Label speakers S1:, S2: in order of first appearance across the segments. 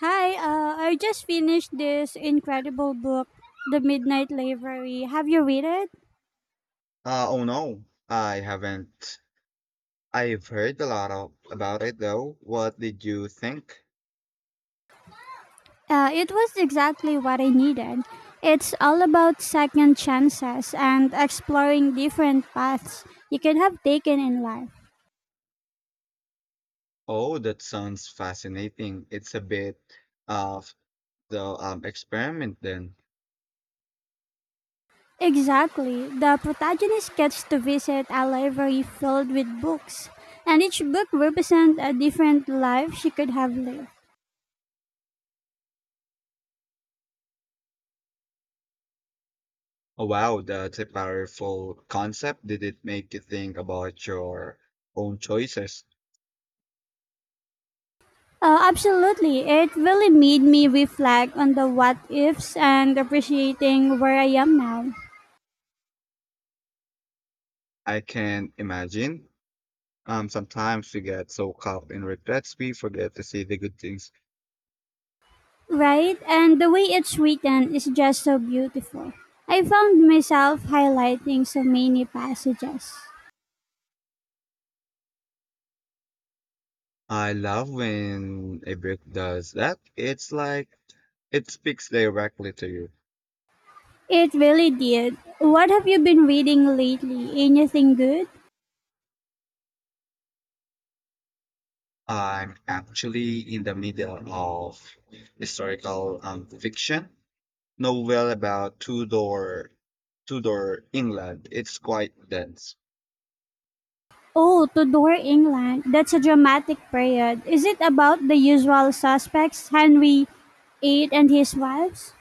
S1: Hi, I just finished this incredible book, The Midnight Library. Have you read it?
S2: Oh no, I haven't. I've heard a lot about it though. What did you think?
S1: It was exactly what I needed. It's all about second chances and exploring different paths you could have taken in life.
S2: Oh, that sounds fascinating. It's a bit of the experiment then.
S1: Exactly. The protagonist gets to visit a library filled with books, and each book represents a different life she could have lived.
S2: Oh wow, that's a powerful concept. Did it make you think about your own choices?
S1: Absolutely. It really made me reflect on the what ifs and appreciating where I am now.
S2: I can imagine. Sometimes we get so caught in regrets we forget to see the good things.
S1: Right? And the way it's written is just so beautiful. I found myself highlighting so many passages.
S2: I love when a book does that. It's like it speaks directly to you.
S1: It really did. What have you been reading lately? Anything good?
S2: I'm actually in the middle of historical fiction novel about Tudor England. It's quite dense.
S1: Oh, Tudor England. That's a dramatic period. Is it about the usual suspects, Henry VIII and his wives?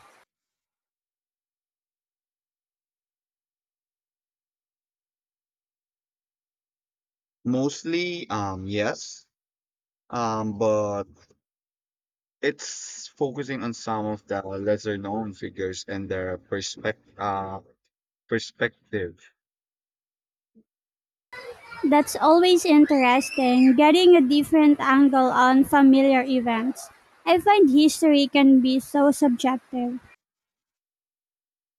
S2: Mostly, yes, but it's focusing on some of the lesser known figures and their perspective.
S1: That's always interesting, getting a different angle on familiar events. I find history can be so subjective.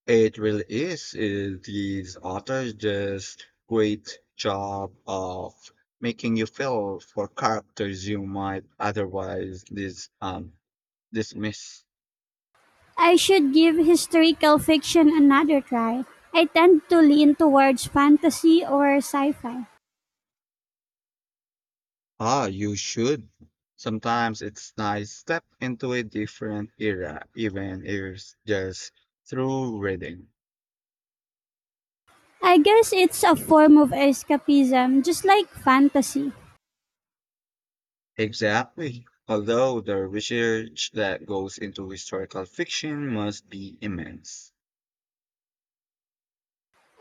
S2: It really is. These authors just great job of making you feel for characters you might otherwise dismiss.
S1: I should give historical fiction another try. I tend to lean towards fantasy or sci fi.
S2: Ah, you should. Sometimes it's nice step into a different era, even if it's just through reading.
S1: I guess it's a form of escapism, just like fantasy.
S2: Exactly. Although the research that goes into historical fiction must be immense.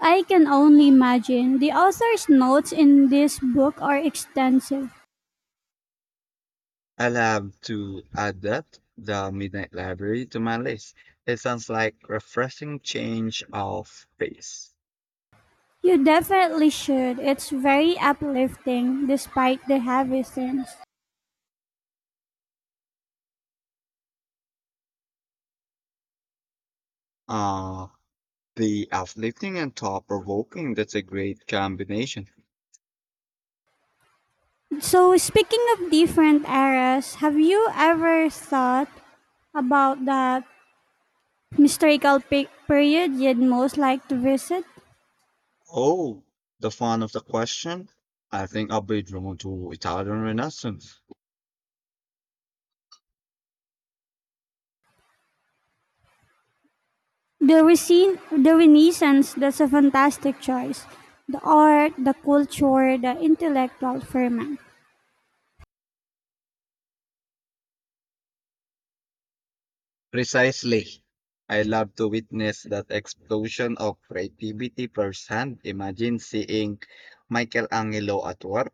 S1: I can only imagine. The author's notes in this book are extensive.
S2: I'll have to add that the Midnight Library to my list. It sounds like refreshing change of pace.
S1: You definitely should. It's very uplifting despite the heavy themes.
S2: Uh, the uplifting and thought provoking, that's a great combination.
S1: So, speaking of different eras, have you ever thought about that historical period you'd most like to visit?
S2: Oh, the fun of the question? I think I'll be drawn to Italian Renaissance.
S1: The Renaissance, that's a fantastic choice. The art, the culture, the intellectual ferment.
S2: Precisely. I love to witness that explosion of creativity firsthand. Imagine seeing Michelangelo at work.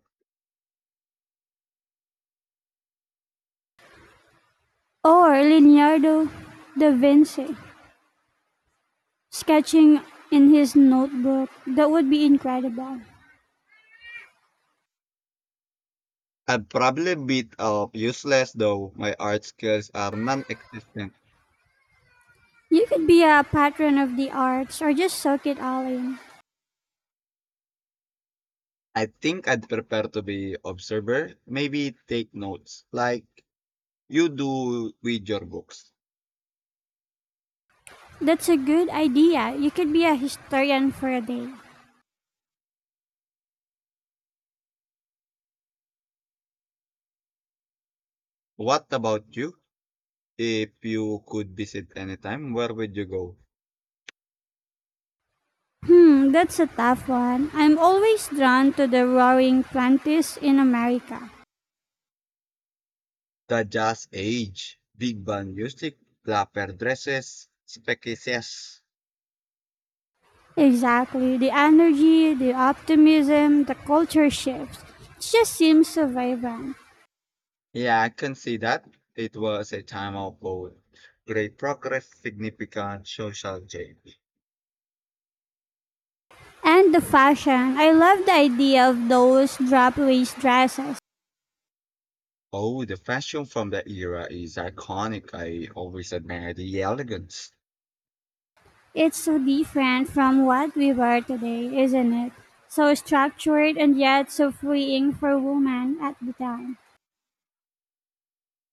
S1: Or Leonardo da Vinci, sketching in his notebook. That would be incredible.
S2: I'd probably a bit of useless though my art skills are non-existent.
S1: You could be a patron of the arts or just soak it all in.
S2: I think I'd prefer to be observer, maybe take notes like you do with your books.
S1: That's a good idea. You could be a historian for a day.
S2: What about you? If you could visit anytime, where would you go?
S1: Hmm, that's a tough one. I'm always drawn to the roaring twenties in America.
S2: The jazz age, big band music, flapper dresses, species.
S1: Exactly. The energy, the optimism, the culture shifts. It just seems so vibrant.
S2: Yeah, I can see that. It was a time of both great progress, significant social change.
S1: And the fashion. I love the idea of those drop waist dresses.
S2: Oh, the fashion from that era is iconic. I always admire the elegance.
S1: It's so different from what we wear today, isn't it? So structured and yet so freeing for women at the time.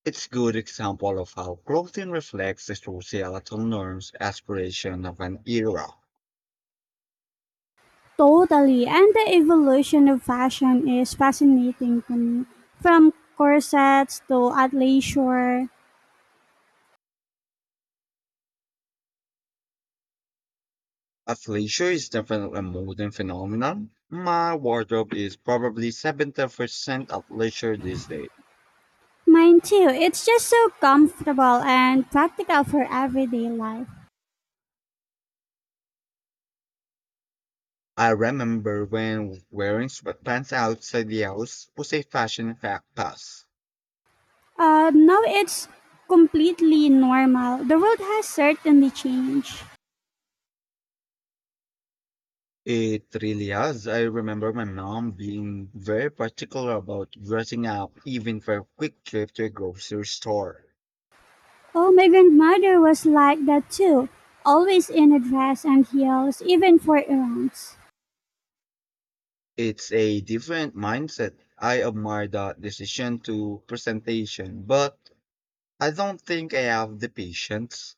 S2: It's a good example of how clothing reflects the societal norms, aspiration of an era.
S1: Totally. And the evolution of fashion is fascinating to me. From corsets to athleisure.
S2: Athleisure is definitely a modern phenomenon. My wardrobe is probably 70% athleisure these days.
S1: Mine too. It's just so comfortable and practical for everyday life.
S2: I remember when wearing sweatpants outside the house was a fashion fact pass.
S1: Now it's completely normal. The world has certainly changed.
S2: It really has. I remember my mom being very particular about dressing up, even for a quick trip to a grocery store.
S1: Oh, my grandmother was like that too. Always in a dress and heels, even for errands.
S2: It's a different mindset. I admire that decision to presentation, but I don't think I have the patience.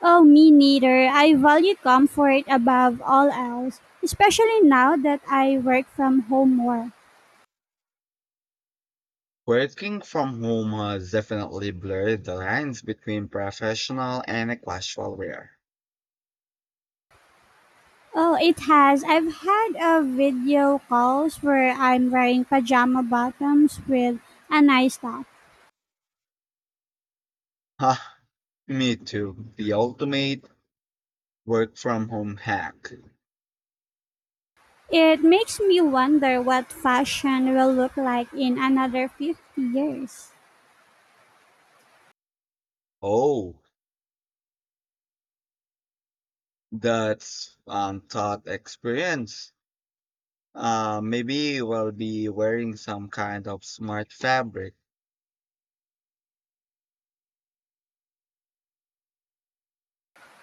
S1: Oh, me neither. I value comfort above all else, especially now that I work from home more.
S2: Working from home has definitely blurred the lines between professional and a casual wear.
S1: Oh, it has. I've had a video calls where I'm wearing pajama bottoms with a nice top.
S2: Ha, me too. The ultimate work from home hack.
S1: It makes me wonder what fashion will look like in another 50 years.
S2: Oh. That's thought experience. Maybe we'll be wearing some kind of smart fabric.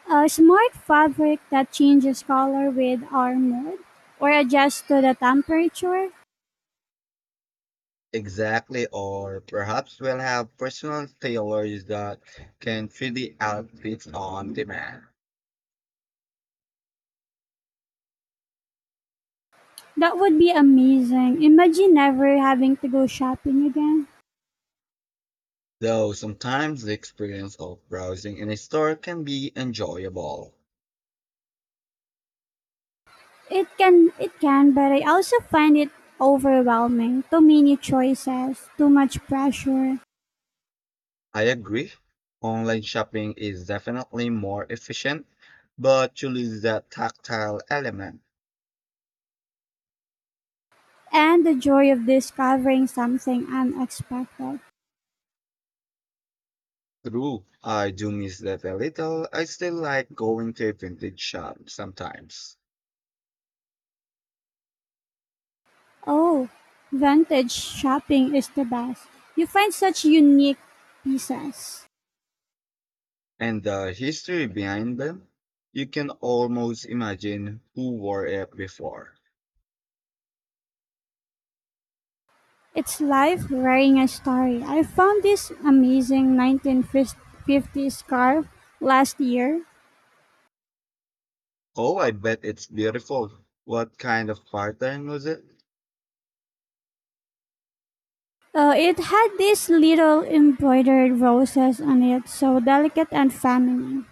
S1: A smart fabric that changes color with our mood or adjusts to the temperature.
S2: Exactly, or perhaps we'll have personal tailors that can fit the outfits on demand.
S1: That would be amazing. Imagine never having to go shopping again.
S2: Though sometimes the experience of browsing in a store can be enjoyable.
S1: It can, but I also find it overwhelming. Too many choices, too much pressure,
S2: I agree. Online shopping is definitely more efficient, but you lose that tactile element.
S1: and the joy of discovering something unexpected.
S2: True, I do miss that a little. I still like going to a vintage shop sometimes.
S1: Oh, vintage shopping is the best. You find such unique pieces.
S2: And the history behind them, you can almost imagine who wore it before.
S1: It's life wearing a story. I found this amazing 1950s scarf last year.
S2: Oh, I bet it's beautiful. What kind of pattern was it?
S1: It had these little embroidered roses on it, so delicate and feminine.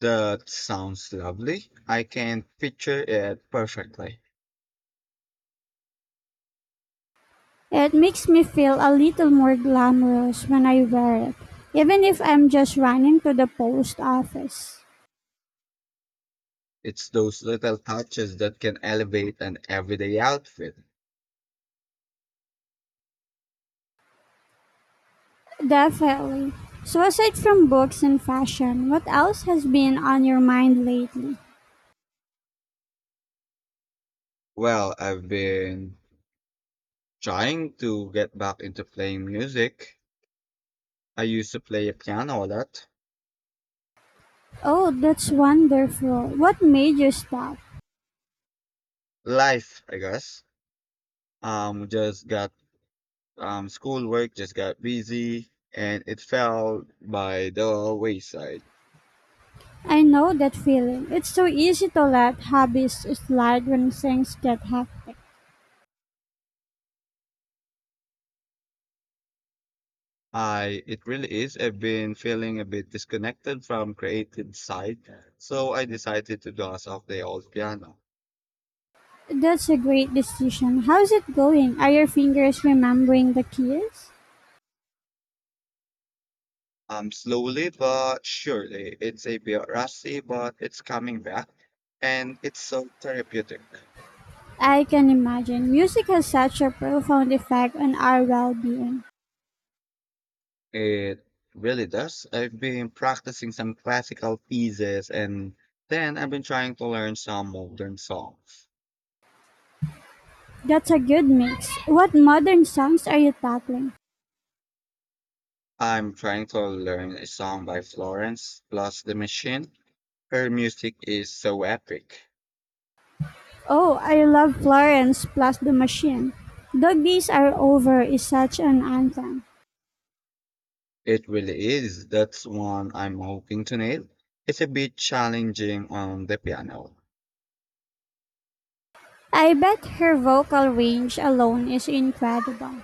S2: That sounds lovely. I can picture it perfectly.
S1: It makes me feel a little more glamorous when I wear it, even if I'm just running to the post office.
S2: It's those little touches that can elevate an everyday outfit.
S1: Definitely. So, aside from books and fashion, what else has been on your mind lately?
S2: Well, I've been trying to get back into playing music. I used to play piano a lot.
S1: Oh, that's wonderful. What made you stop?
S2: Life, I guess. Just got schoolwork, just got busy, and it fell by the wayside.
S1: I know that feeling. It's so easy to let hobbies slide when things get hectic.
S2: I It really is. I've been feeling a bit disconnected from creative side, so I decided to dust off the old piano.
S1: That's a great decision. How's it going? Are your fingers remembering the keys?
S2: Slowly but surely, it's a bit rusty, but it's coming back, and it's so therapeutic.
S1: I can imagine. Music has such a profound effect on our well being.
S2: It really does. I've been practicing some classical pieces and then I've been trying to learn some modern songs.
S1: That's a good mix. What modern songs are you tackling?
S2: I'm trying to learn a song by Florence plus the Machine. Her music is so epic.
S1: Oh, I love Florence plus the Machine. Doggies Are Over is such an anthem.
S2: It really is. That's one I'm hoping to nail. It's a bit challenging on the piano
S1: I bet her vocal range alone is incredible.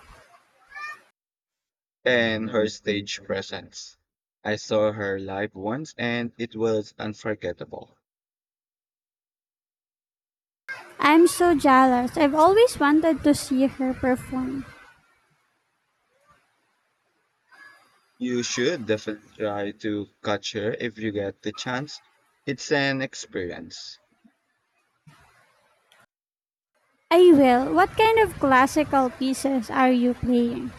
S2: and her stage presence. I saw her live once and it was unforgettable.
S1: I'm so jealous. I've always wanted to see her perform.
S2: You should definitely try to catch her if you get the chance. It's an experience.
S1: I will. What kind of classical pieces are you playing?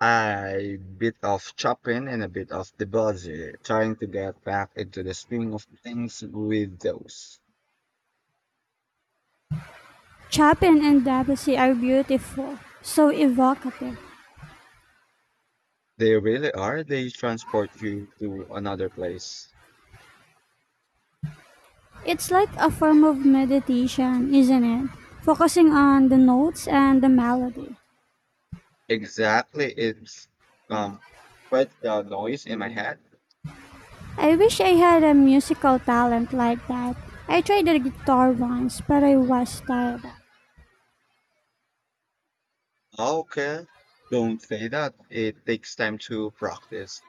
S2: I bit of Chopin and a bit of the buzzer, trying to get back into the swing of things with those.
S1: Chopin and Debussy are beautiful, so evocative.
S2: They really are. They transport you to another place.
S1: It's like a form of meditation, isn't it? Focusing on the notes and the melody.
S2: Exactly. It's um quite the noise in my head.
S1: I wish I had a musical talent like that. I tried the guitar once, but I was terrible.
S2: Okay, don't say that. It takes time to practice.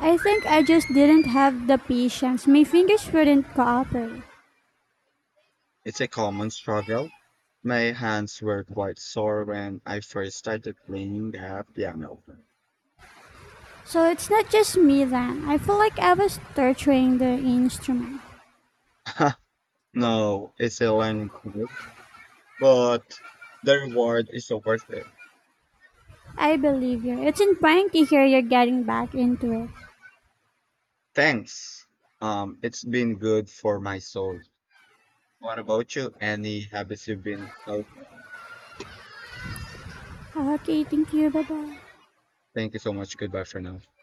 S1: I think I just didn't have the patience. My fingers wouldn't cooperate.
S2: It's a common struggle. My hands were quite sore when I first started playing the piano.
S1: So it's not just me then. I feel like I was torturing the instrument.
S2: no, it's a learning curve, but the reward is so worth it.
S1: I believe you. It's in fine to hear you're getting back into it.
S2: Thanks. It's been good for my soul. What about you? Any habits you've been? Okay.
S1: Okay, thank you. Bye bye.
S2: Thank you so much. Goodbye for now.